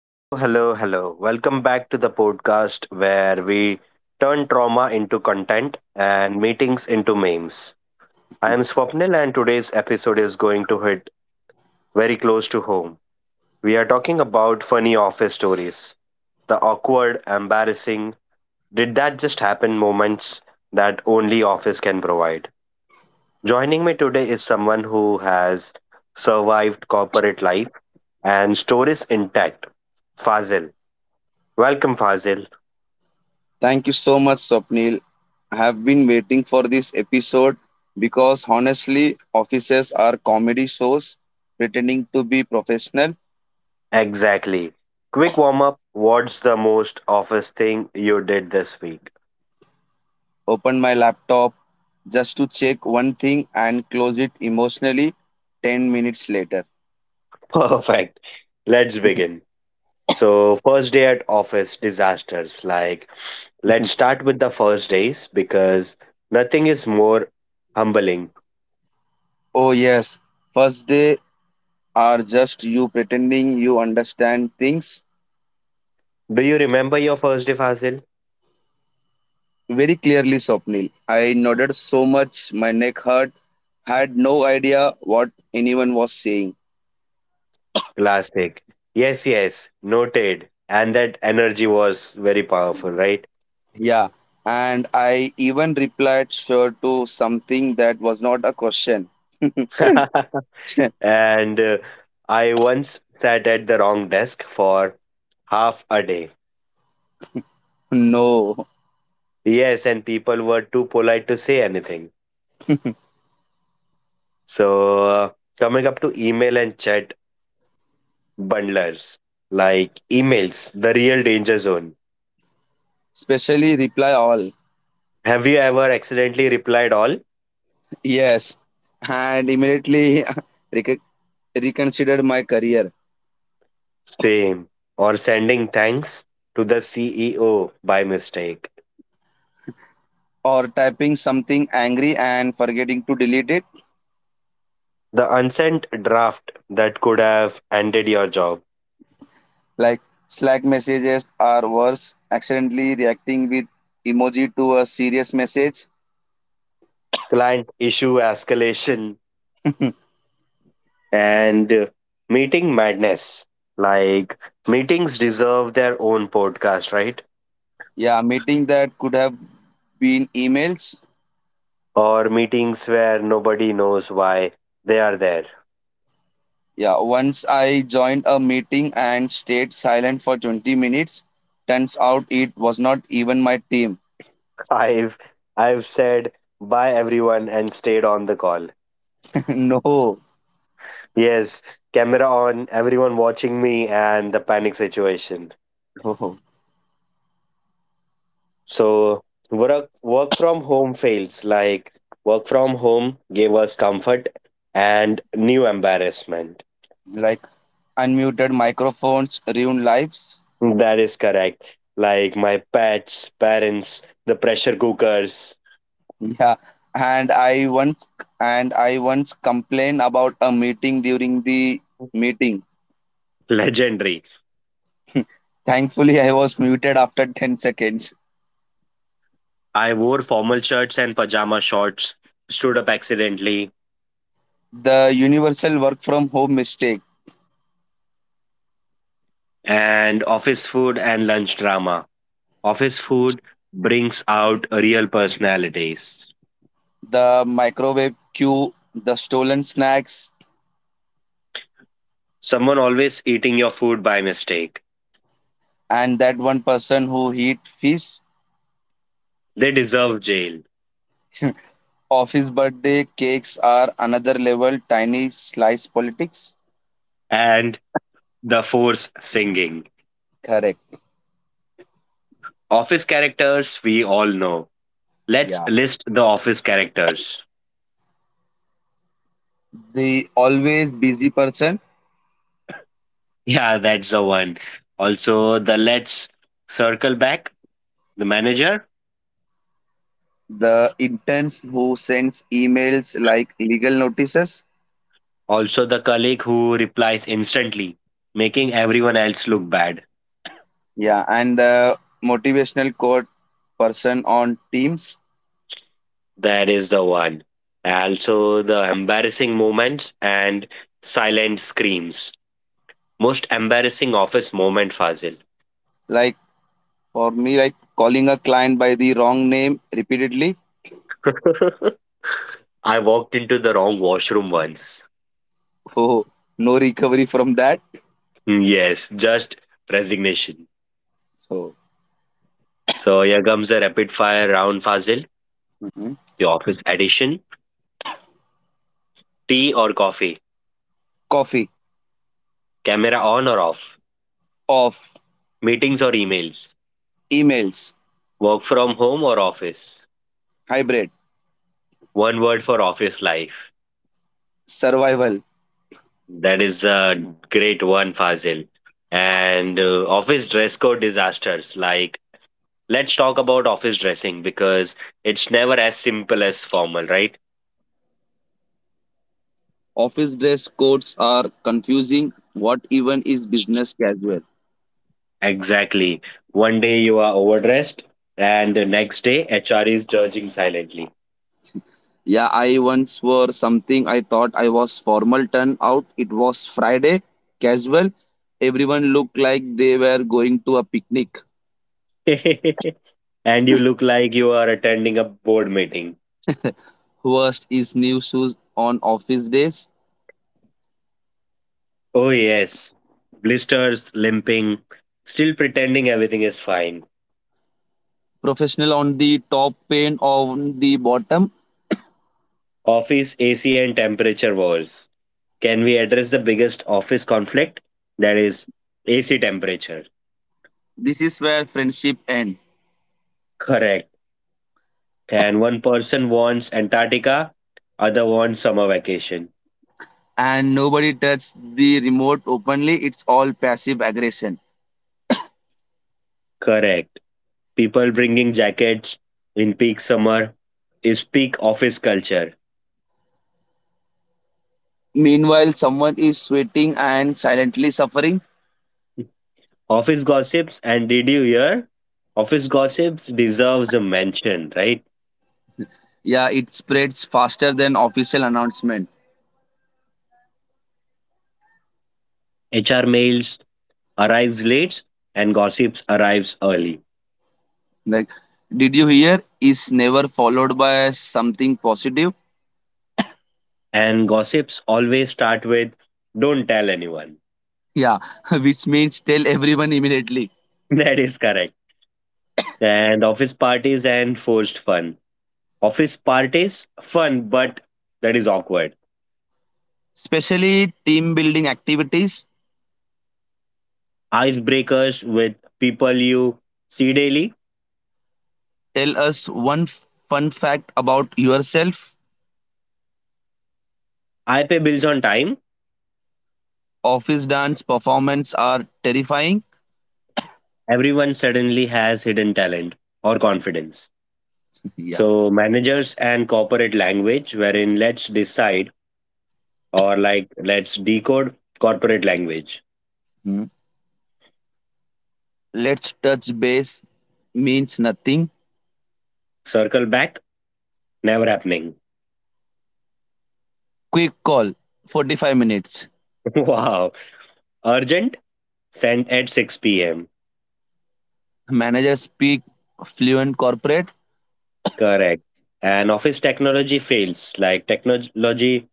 Hello, hello, hello. Welcome back to the podcast where we turn trauma into content and meetings into memes. I am Swapnil, and today's episode is going to hit very close to home. We are talking about funny office stories, the awkward, embarrassing, did that just happen moments that only office can provide. Joining me today is someone who has survived corporate life and stories intact, Fazil. Welcome, Fazil. Thank you so much, Swapnil. I have been waiting for this episode because honestly, offices are comedy shows pretending to be professional. Exactly. Quick warm up. What's the most office thing you did this week? Open my laptop just to check one thing and close it emotionally 10 minutes later. Perfect. Let's begin. So, first day at office disasters. Let's start with the first days because nothing is more humbling. Oh, yes. First day are just you pretending you understand things Do you remember your first day, Fazil? very clearly, Swapnil. I nodded so much, my neck hurt, had no idea what anyone was saying. Classic. Yes, yes. Noted. And that energy was very powerful, right? Yeah, and I even replied sure to something that was not a question. and I once sat at the wrong desk for half a day. No. Yes, and people were too polite to say anything. So, uh, Coming up to email and chat bundlers, like emails, the real danger zone. Especially reply all. Have you ever accidentally replied all? Yes, and immediately recon- reconsidered my career. Same. Or sending thanks to the CEO by mistake. Or typing something angry and forgetting to delete it. The unsent draft that could have ended your job. Like Slack messages are worse, accidentally reacting with emoji to a serious message. Client issue escalation and meeting madness. Like, meetings deserve their own podcast, right? Yeah, meeting that could have been emails. Or meetings where nobody knows why they are there. Yeah, once I joined a meeting and stayed silent for 20 minutes. Turns out it was not even my team. I've I've said bye everyone and stayed on the call. No. Yes, camera on, everyone watching me and the panic situation. No. So work from home fails. Like work from home gave us comfort and new embarrassment. Like unmuted microphones ruin lives. That is correct. Like my pets, parents, the pressure cookers. Yeah. And I once and I once complained about a meeting during the meeting. Legendary. Thankfully I was muted after 10 seconds. I wore formal shirts and pajama shorts, stood up accidentally, The universal work from home mistake, and office food and lunch drama. Office food brings out real personalities. the microwave queue, the stolen snacks, Someone always eating your food by mistake. and that one person who eat fish. They deserve jail. Office birthday cakes are another level tiny slice politics. And the force singing. Correct. Office characters we all know. Let's Yeah. list the office characters. The always busy person. Yeah, that's the one. Also, the let's circle back, the manager. The intern who sends emails like legal notices. Also, the colleague who replies instantly, making everyone else look bad. Yeah. And the motivational quote person on teams. That is the one. Also, the embarrassing moments and silent screams. Most embarrassing office moment, Fazil. Like, for me, like calling a client by the wrong name repeatedly. I walked into the wrong washroom once. Oh, no recovery from that. Hmm, yes, just resignation. So. So here comes the rapid fire round, Fazil. Mhm. The office edition. Tea or coffee? Coffee. Camera on or off? Off. Meetings or emails? Emails. Work from home or office? Hybrid. One word for office life. Survival. That is a great one, Fazil. And Office dress code disasters. Like, let's talk about office dressing because it's never as simple as formal, right? Office dress codes are confusing. What even is business casual? Exactly. One day you are overdressed, and the next day HR is judging silently. Yeah, I once wore something I thought I was formal. Turn out it was Friday, casual. Everyone looked like they were going to a picnic. And you look like you are attending a board meeting. Worst is new shoes on office days. Oh, yes. Blisters, limping, still pretending everything is fine. Professional on the top, pain on the bottom. Office AC and temperature wars. Can we address the biggest office conflict? That is AC temperature. This is where friendship ends. Correct. And one person wants Antarctica, other wants summer vacation. And nobody touches the remote openly. It's all passive aggression. Correct. People bringing jackets in peak summer is peak office culture. Meanwhile, someone is sweating and silently suffering. Office gossips, and did you hear? Office gossips deserves a mention, right? Yeah, it spreads faster than official announcement. HR mails arrives late and gossips arrives early. Like, did you hear? Is never followed by something positive. And gossips always start with don't tell anyone. Yeah, which means tell everyone immediately. That is correct. And office parties and forced fun. Office parties fun but that is awkward. Especially team building activities. Icebreakers with people you see daily. Tell us one fun fact about yourself. I pay bills on time. Office dance performance are terrifying. Everyone suddenly has hidden talent or confidence. Yeah. So managers and corporate language, wherein let's decide or like let's decode corporate language. Hmm. Let's touch base means nothing. Circle back, never happening. Quick call, 45 minutes. Wow. Urgent sent at 6 p.m. Managers speak fluent corporate. Correct. And office technology fails. Like technology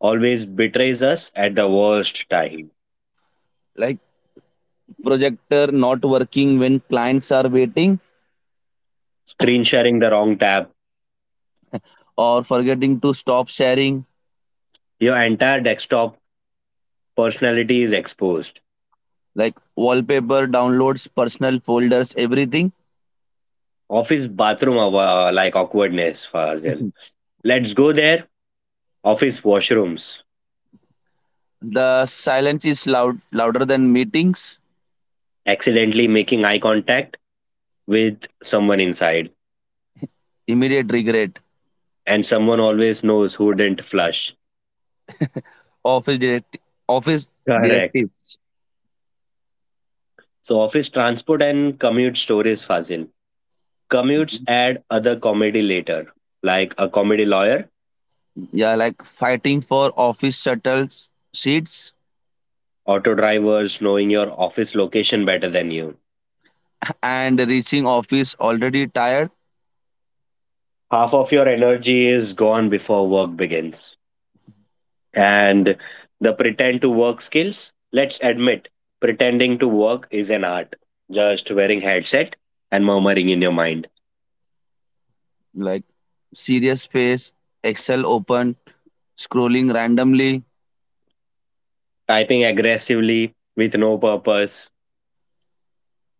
always betrays us at the worst time. Like projector not working when clients are waiting. Screen sharing the wrong tab. Or forgetting to stop sharing. Your entire desktop personality is exposed. Like wallpaper downloads, personal folders, everything. Office bathroom like awkwardness, Fazil. Let's go there. Office washrooms. The silence is loud, louder than meetings. Accidentally making eye contact with someone inside. Immediate regret. And someone always knows who didn't flush. office direct Office Correct. directives. So office transport and commute stories, Fazil. Commutes Mm-hmm. add other comedy later, like a comedy lawyer, Yeah, like fighting for office shuttles seats. auto drivers knowing your office location better than you. And reaching office already tired. Half of your energy is gone before work begins. And the pretend to work skills, let's admit, pretending to work is an art. Just wearing headset and murmuring in your mind, Like serious face, excel open, scrolling randomly, typing aggressively with no purpose,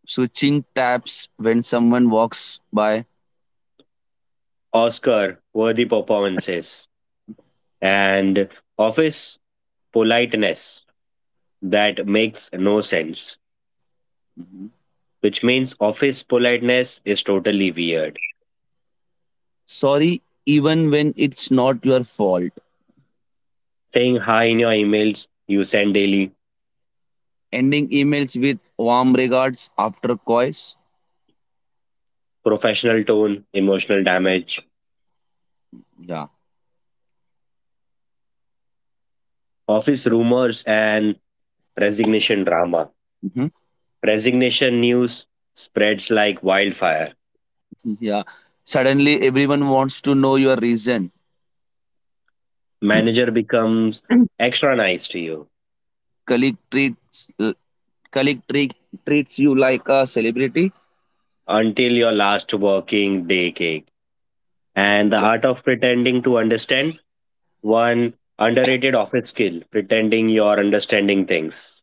switching tabs when someone walks by. Oscar worthy performances, and office politeness that makes no sense, which means office politeness is totally weird. Sorry, even when it's not your fault. Saying hi in your emails you send daily, Ending emails with warm regards after coys. professional tone, emotional damage, Yeah. office rumors, and resignation drama. Mhm. Resignation news spreads like wildfire. Yeah. Suddenly, everyone wants to know your reason. Manager becomes extra nice to you Colleague treats uh, colleague treats you like a celebrity. until your last working day cake. And the Yeah. art of pretending to understand one underrated office skill, pretending you're understanding things.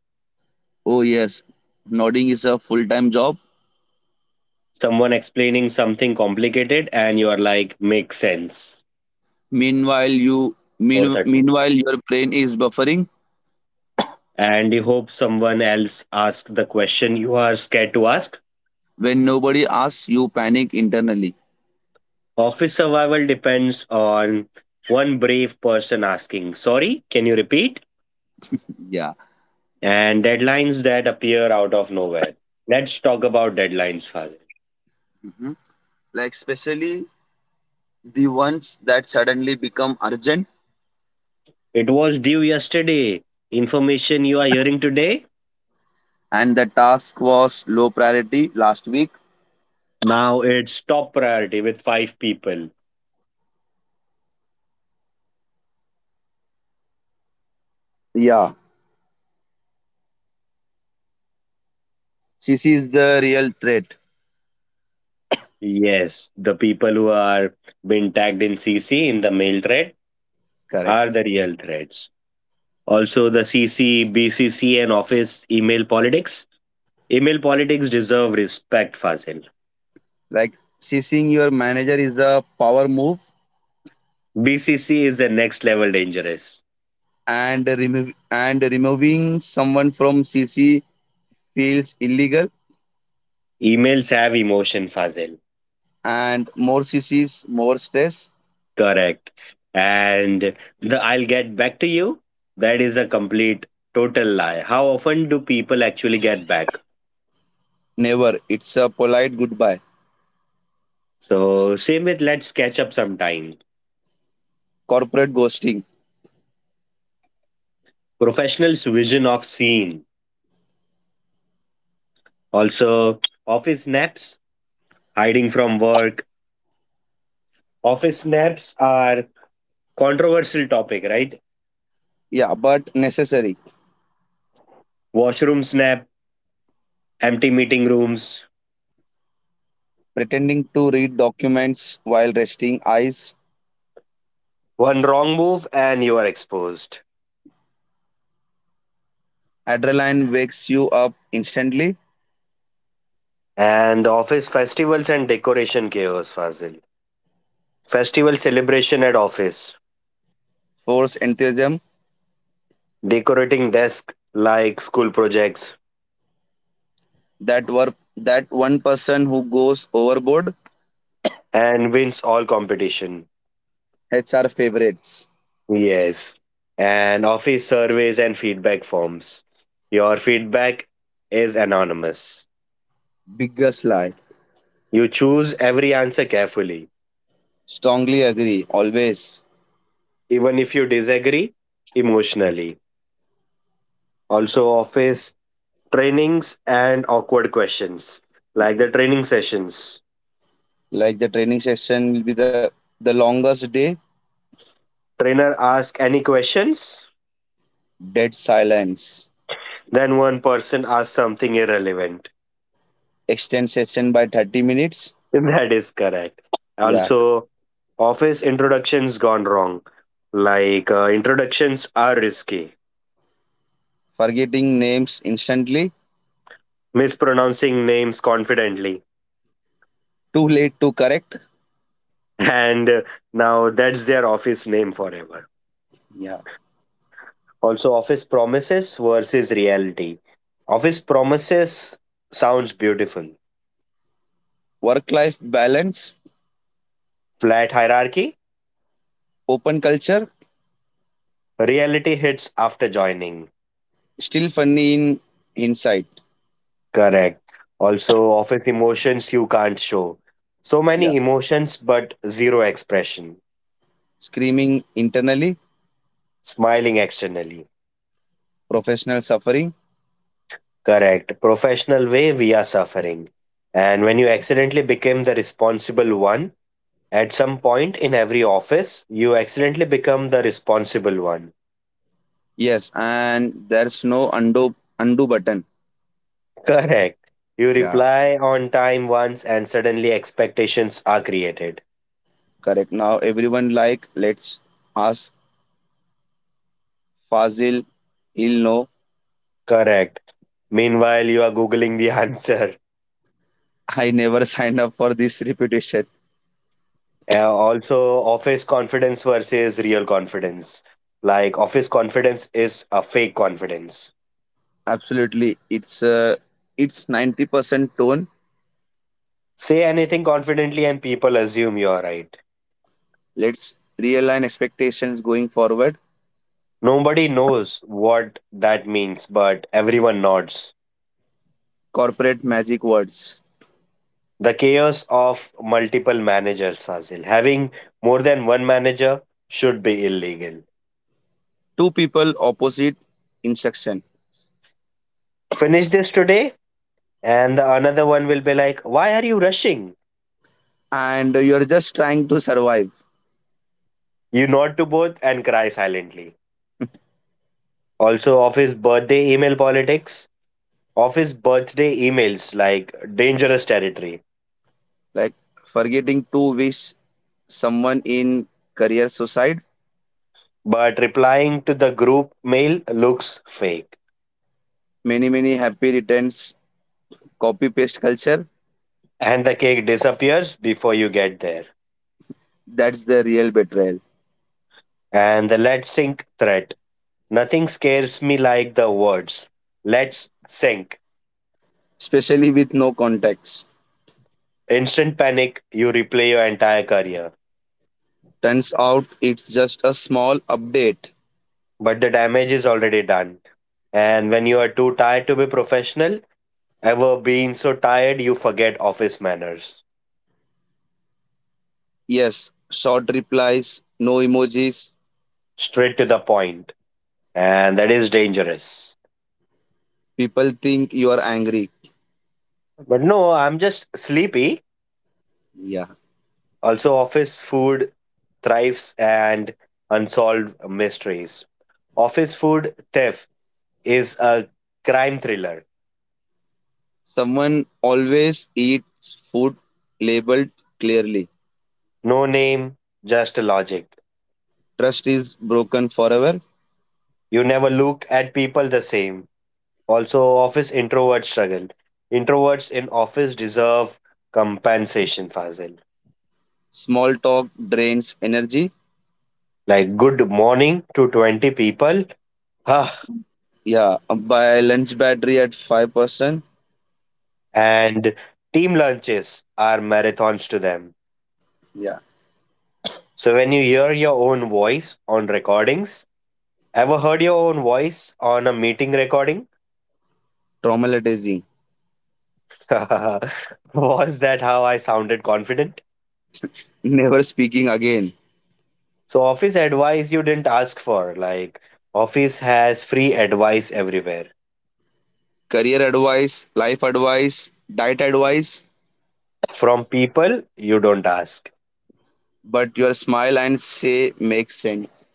Oh yes, nodding is a full-time job. Someone explaining something complicated and you are like make sense. Meanwhile, you mean, 4:30. meanwhile your brain is buffering. And you hope someone else asks the question you are scared to ask. When nobody asks, you panic internally. Office survival depends on one brave person asking sorry can you repeat. Yeah. And deadlines that appear out of nowhere, let's talk about deadlines, Fazil. Mhm. Like, especially the ones that suddenly become urgent. It was due yesterday, information you are hearing today, And the task was low priority last week. now it's top priority with five people. Yeah. CC is the real threat. Yes, the people who are been tagged in CC in the mail thread Correct. are the real threads. Also, the CC, BCC, and office email politics. Email politics deserve respect, Fazil. Like ceasing your manager is a power move. BCC is the next level dangerous. And removing someone from cc feels illegal. Emails have emotion, Fazil. And more cc's, more stress. Correct. And the I'll get back to you. That is a complete total lie. How often do people actually get back? Never, it's a polite goodbye. So, same with let's catch up sometime. Corporate ghosting. Professionals' vision of scene. Also, office naps, hiding from work. Office naps are controversial topic, right? Yeah, but necessary. Washroom snap, empty meeting rooms. Pretending to read documents while resting eyes, One wrong move and you are exposed. adrenaline wakes you up instantly. And office festivals and decoration chaos, Fazil. Festival celebration at office, Force enthusiasm. decorating desk like school projects, That were that one person who goes overboard. and wins all competition. HR favorites. Yes, and office surveys and feedback forms. Your feedback is anonymous. Biggest lie. You choose every answer carefully, Strongly agree, always. even if you disagree emotionally. Also, office trainings and awkward questions, like the training sessions. Like the training session will be the longest day. Trainer asks any questions, Dead silence. then one person asks something irrelevant. Extend session by 30 minutes. That is correct. Yeah. Also, office introductions gone wrong. Introductions are risky, Forgetting names instantly, mispronouncing names confidently. too late to correct. And Now that's their office name forever. Yeah. Also, office promises versus reality. Office promises sounds beautiful. Work life balance, Flat hierarchy, open culture, reality hits after joining. still funny in hindsight. Correct. Also, office emotions you can't show. So Yeah. many emotions, but zero expression. Screaming internally, Smiling externally. professional suffering. Correct. Professional way, we are suffering. And when you accidentally became the responsible one, at some point in every office, you accidentally become the responsible one. Yes, and there's no undo button. Correct. You Yeah, reply on time once and suddenly expectations are created. correct. Now everyone, like, let's ask Fazil. He'll know. Correct. Meanwhile, you are Googling the answer. I never signed up for this reputation. Also, office confidence versus real confidence. Like, office confidence is a fake confidence. Absolutely, it's 90% tone. Say anything confidently and people assume you're right. Let's realign expectations going forward. Nobody knows what that means, but everyone nods. Corporate magic words. The chaos of multiple managers, Fazil. Having more than one manager should be illegal. Two people opposite instruction. Finish this today, and the another one will be like, why are you rushing? And you're just trying to survive. You nod to both and cry silently. Also, office birthday email politics. Office birthday emails like dangerous territory, Like forgetting to wish someone in career suicide. but replying to the group mail looks fake Many many happy returns, copy paste culture. and the cake disappears before you get there. That's the real betrayal. And the let's sink threat. Nothing scares me like the words. Let's sink. Especially with no context. Instant panic, you replay your entire career. Turns out it's just a small update. But the damage is already done. And when you are too tired to be professional, ever being so tired, you forget office manners. Yes, short replies, no emojis. Straight to the point. And that is dangerous. People think you are angry. But no, I'm just sleepy. Yeah. Also, office food thrives and unsolved mysteries. Office food theft is a crime thriller. Someone always eats food labeled clearly. No name, just logic. Trust is broken forever. You never look at people the same. Also, office introverts struggle. Introverts in office deserve compensation, Fazil. Small talk drains energy. Like good morning to 20 people. Ah, Yeah, balance battery at 5%. and team lunches are marathons to them. Yeah, So when you hear your own voice on recordings, ever heard your own voice on a meeting recording? traumatizing. Was that how I sounded confident? Never speaking again. So, office advice you didn't ask for. Like, office has free advice everywhere Career advice, life advice, diet advice, from people you don't ask. but your smile and say makes sense.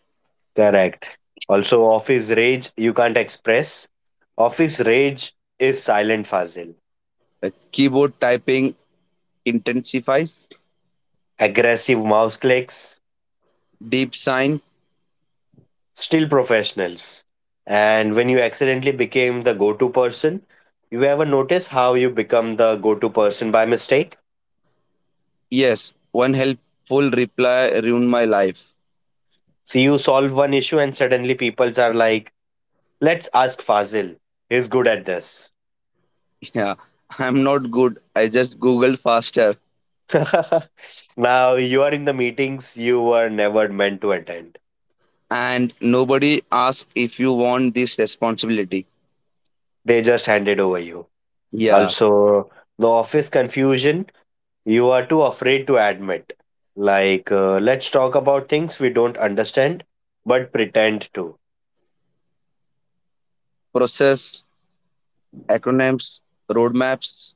Correct. Also, office rage you can't express. Office rage is silent, Fazil. Keyboard typing intensifies. Aggressive mouse clicks, Deep sign. still professionals. And when you accidentally became the go to person, you ever notice how you become the go to person by mistake? Yes, one helpful reply ruined my life. So you solve one issue and suddenly people are like, let's ask Fazil. He's good at this. Yeah, I'm not good. I just googled faster. Now you are in the meetings you were never meant to attend. And nobody asks if you want this responsibility. They just handed over you. Yeah, Also, the office confusion you are too afraid to admit. Let's talk about things we don't understand but pretend to. process, acronyms, roadmaps.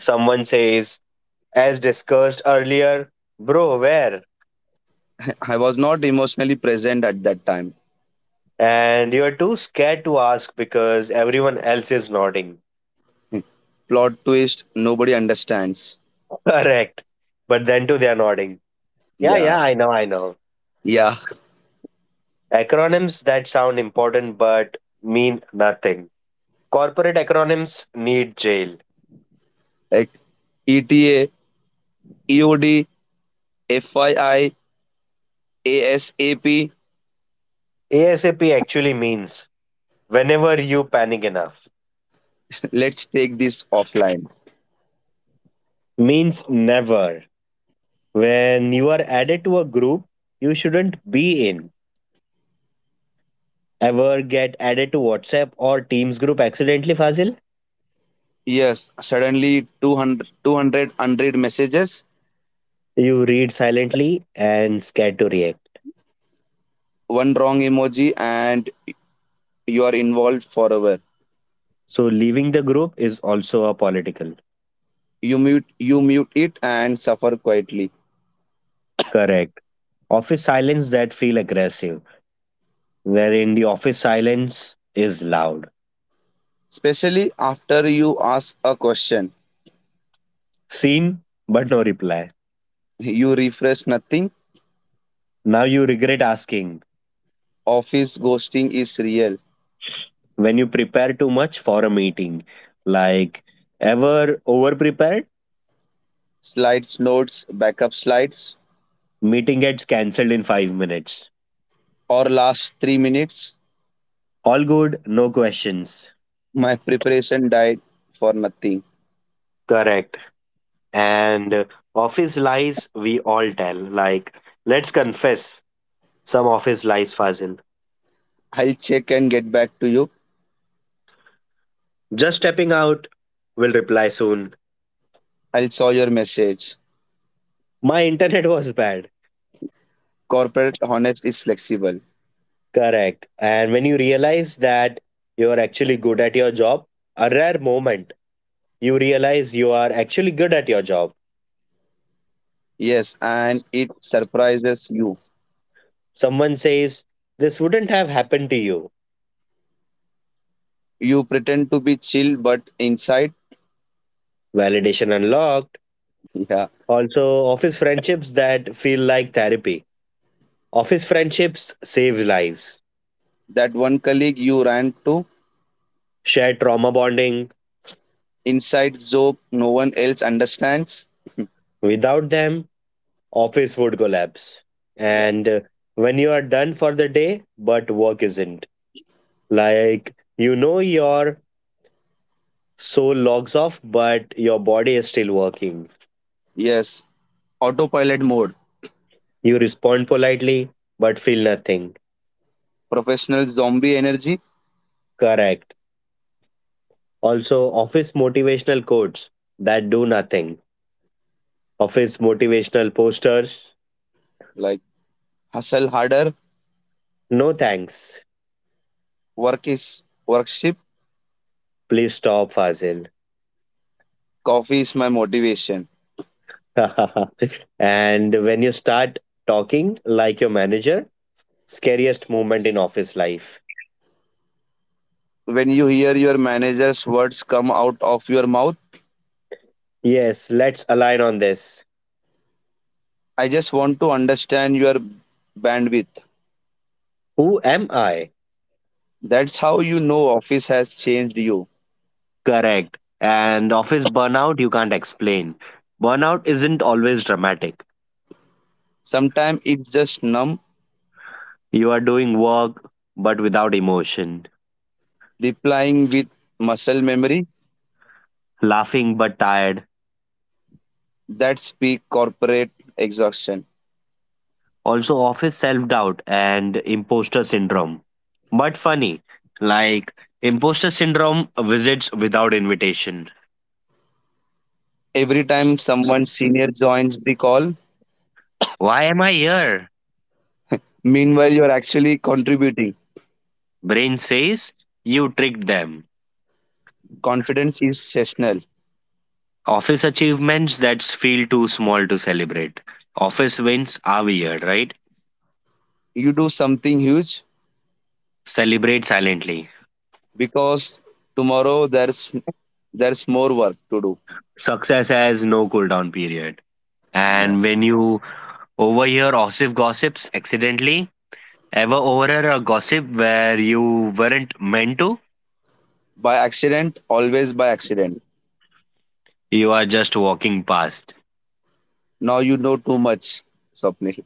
Someone says, as discussed earlier, bro, where? I was not emotionally present at that time. And you're too scared to ask because everyone else is nodding. Plot twist, nobody understands. Correct. But then too, they're nodding. Yeah, Yeah, yeah, I know, I know. yeah. Acronyms that sound important but mean nothing. Corporate acronyms need jail. Like ETA. ASAP actually means whenever you panic enough, Let's take this offline. means never. When you are added to a group you shouldn't be in, ever get added to WhatsApp or Teams group accidentally, Fazil? Yes, suddenly 200, two hundred hundred messages, You read silently and scared to react. one wrong emoji, and you are involved forever. So leaving the group is also a political. You mute it and suffer quietly. Correct. Office silence that feel aggressive, wherein the office silence is loud. Especially after you ask a question, Seen, but no reply. you refresh nothing. Now you regret asking Office ghosting is real. when you prepare too much for a meeting. Like, ever over prepared? Slides, notes, backup slides, Meeting gets cancelled in 5 minutes. or last 3 minutes, All good, no questions. my preparation died for nothing. Correct. And Office lies we all tell, like, let's confess some office lies, Fazil. I'll check and get back to you. Just stepping out, will reply soon, I'll saw your message. my internet was bad. Corporate honest is flexible. Correct. And when you realize that you're actually good at your job, a rare moment, you realize you are actually good at your job. Yes, and it surprises you. Someone says this wouldn't have happened to you. You pretend to be chill, but inside, Validation unlocked. yeah, Also, office friendships that feel like therapy. Office friendships save lives, that one colleague you ran to, shared trauma bonding. inside joke no one else understands. Without them, office would collapse. Yeah. And When you are done for the day, but work isn't, like your soul logs off, but your body is still working. Yes, autopilot mode, You respond politely, but feel nothing. professional zombie energy. Correct. Also, office motivational quotes that do nothing. Office motivational posters. Like hustle harder, No thanks. work is worship, Please stop, Fazil. coffee is my motivation. And when you start talking like your manager, scariest moment in office life. When you hear your manager's words come out of your mouth, Yes, let's align on this. I just want to understand your bandwidth. Who am I? That's how you know office has changed you. Correct. And office burnout, you can't explain. Burnout isn't always dramatic. Sometimes it's just numb, You are doing work, but without emotion, replying with muscle memory. laughing, but tired. That's peak corporate exhaustion. Also, office self doubt and imposter syndrome. But funny, like imposter syndrome visits without invitation. Every time someone senior joins the call, Why am I here? meanwhile you're actually contributing. Brain says, you tricked them. Confidence is seasonal. Office achievements that feel too small to celebrate. Office wins are weird, right? You do something huge Celebrate silently. because tomorrow there's more work to do. Success has no cooldown period. Yeah. And when you overhear OSIF gossips accidentally, ever overhear a gossip where you weren't meant to, By accident, always by accident. you are just walking past. Now you know too much, Swapnil.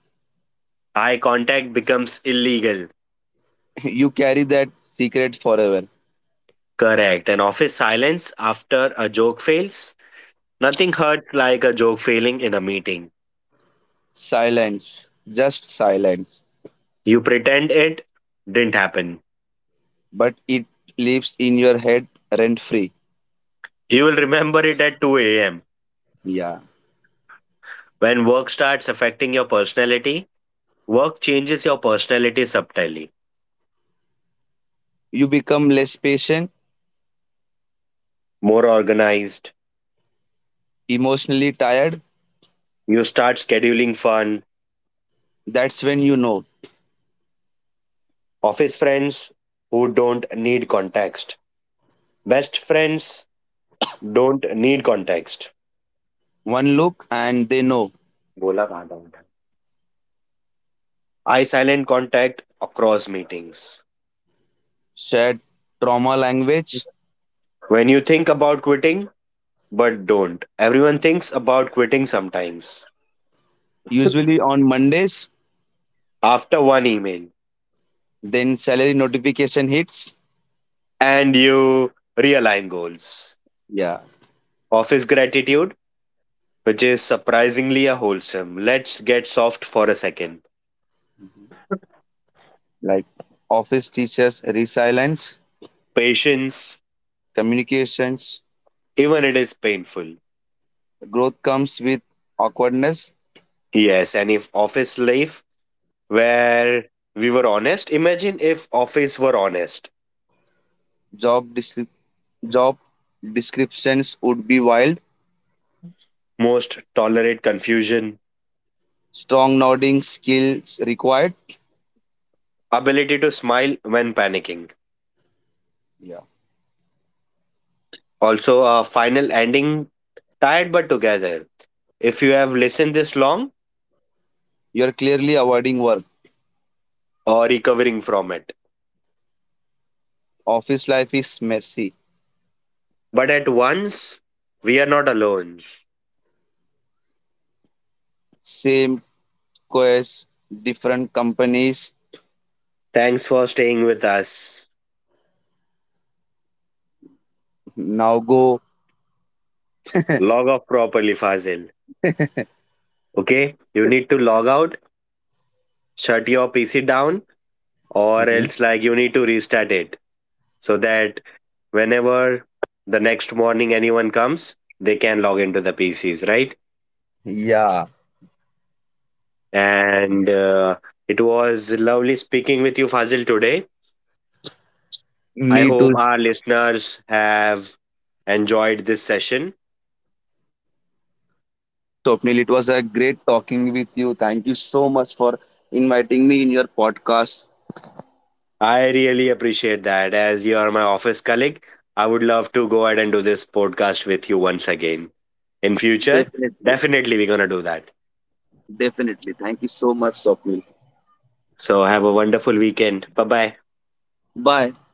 Eye contact becomes illegal. You carry that secret forever. Correct. And office silence after a joke fails. Nothing hurts like a joke failing in a meeting. Silence, just silence. You pretend it didn't happen. But it lives in your head rent free. You will remember it at 2 a.m. Yeah. When work starts affecting your personality, work changes your personality subtly. You become less patient, More organized, emotionally tired. you start scheduling fun, That's when you know. office friends who don't need context, best friends don't need context. One look and they know. बोला कहाँ था? Eye silent contact across meetings. Shared trauma language, When you think about quitting, but don't. Everyone thinks about quitting sometimes. usually on Mondays. After one email, Then salary notification hits. and you realign goals. Yeah, Office gratitude, which is surprisingly a wholesome. Let's get soft for a second. like office teachers resilience, Patience, communications, even it is painful. growth comes with awkwardness. Yes, and if office life where we were honest, imagine if office were honest. Job descri- job descriptions would be wild. Most tolerate confusion, Strong nodding skills required. ability to smile when panicking. Yeah, Also, a final ending, tired but together. If you have listened this long you're clearly avoiding work. or recovering from it. Office life is messy. But at once, we are not alone. Same quest, different companies. Thanks for staying with us. Now go. Log off properly, Fazil. Okay? You need to log out, shut your PC down, or else, like, you need to restart it so that whenever the next morning anyone comes, they can log into the PCs, right? Yeah, And It was lovely speaking with you, Fazil, today. I me hope too. our listeners have enjoyed this session. Swapnil. It was a great talking with you. Thank you so much for inviting me in your podcast. I really appreciate that. As you are my office colleague, I would love to go ahead and do this podcast with you once again in future. Definitely. Definitely, we're going to do that. Definitely. Thank you so much, Swapnil. So, have a wonderful weekend. Bye bye. Bye.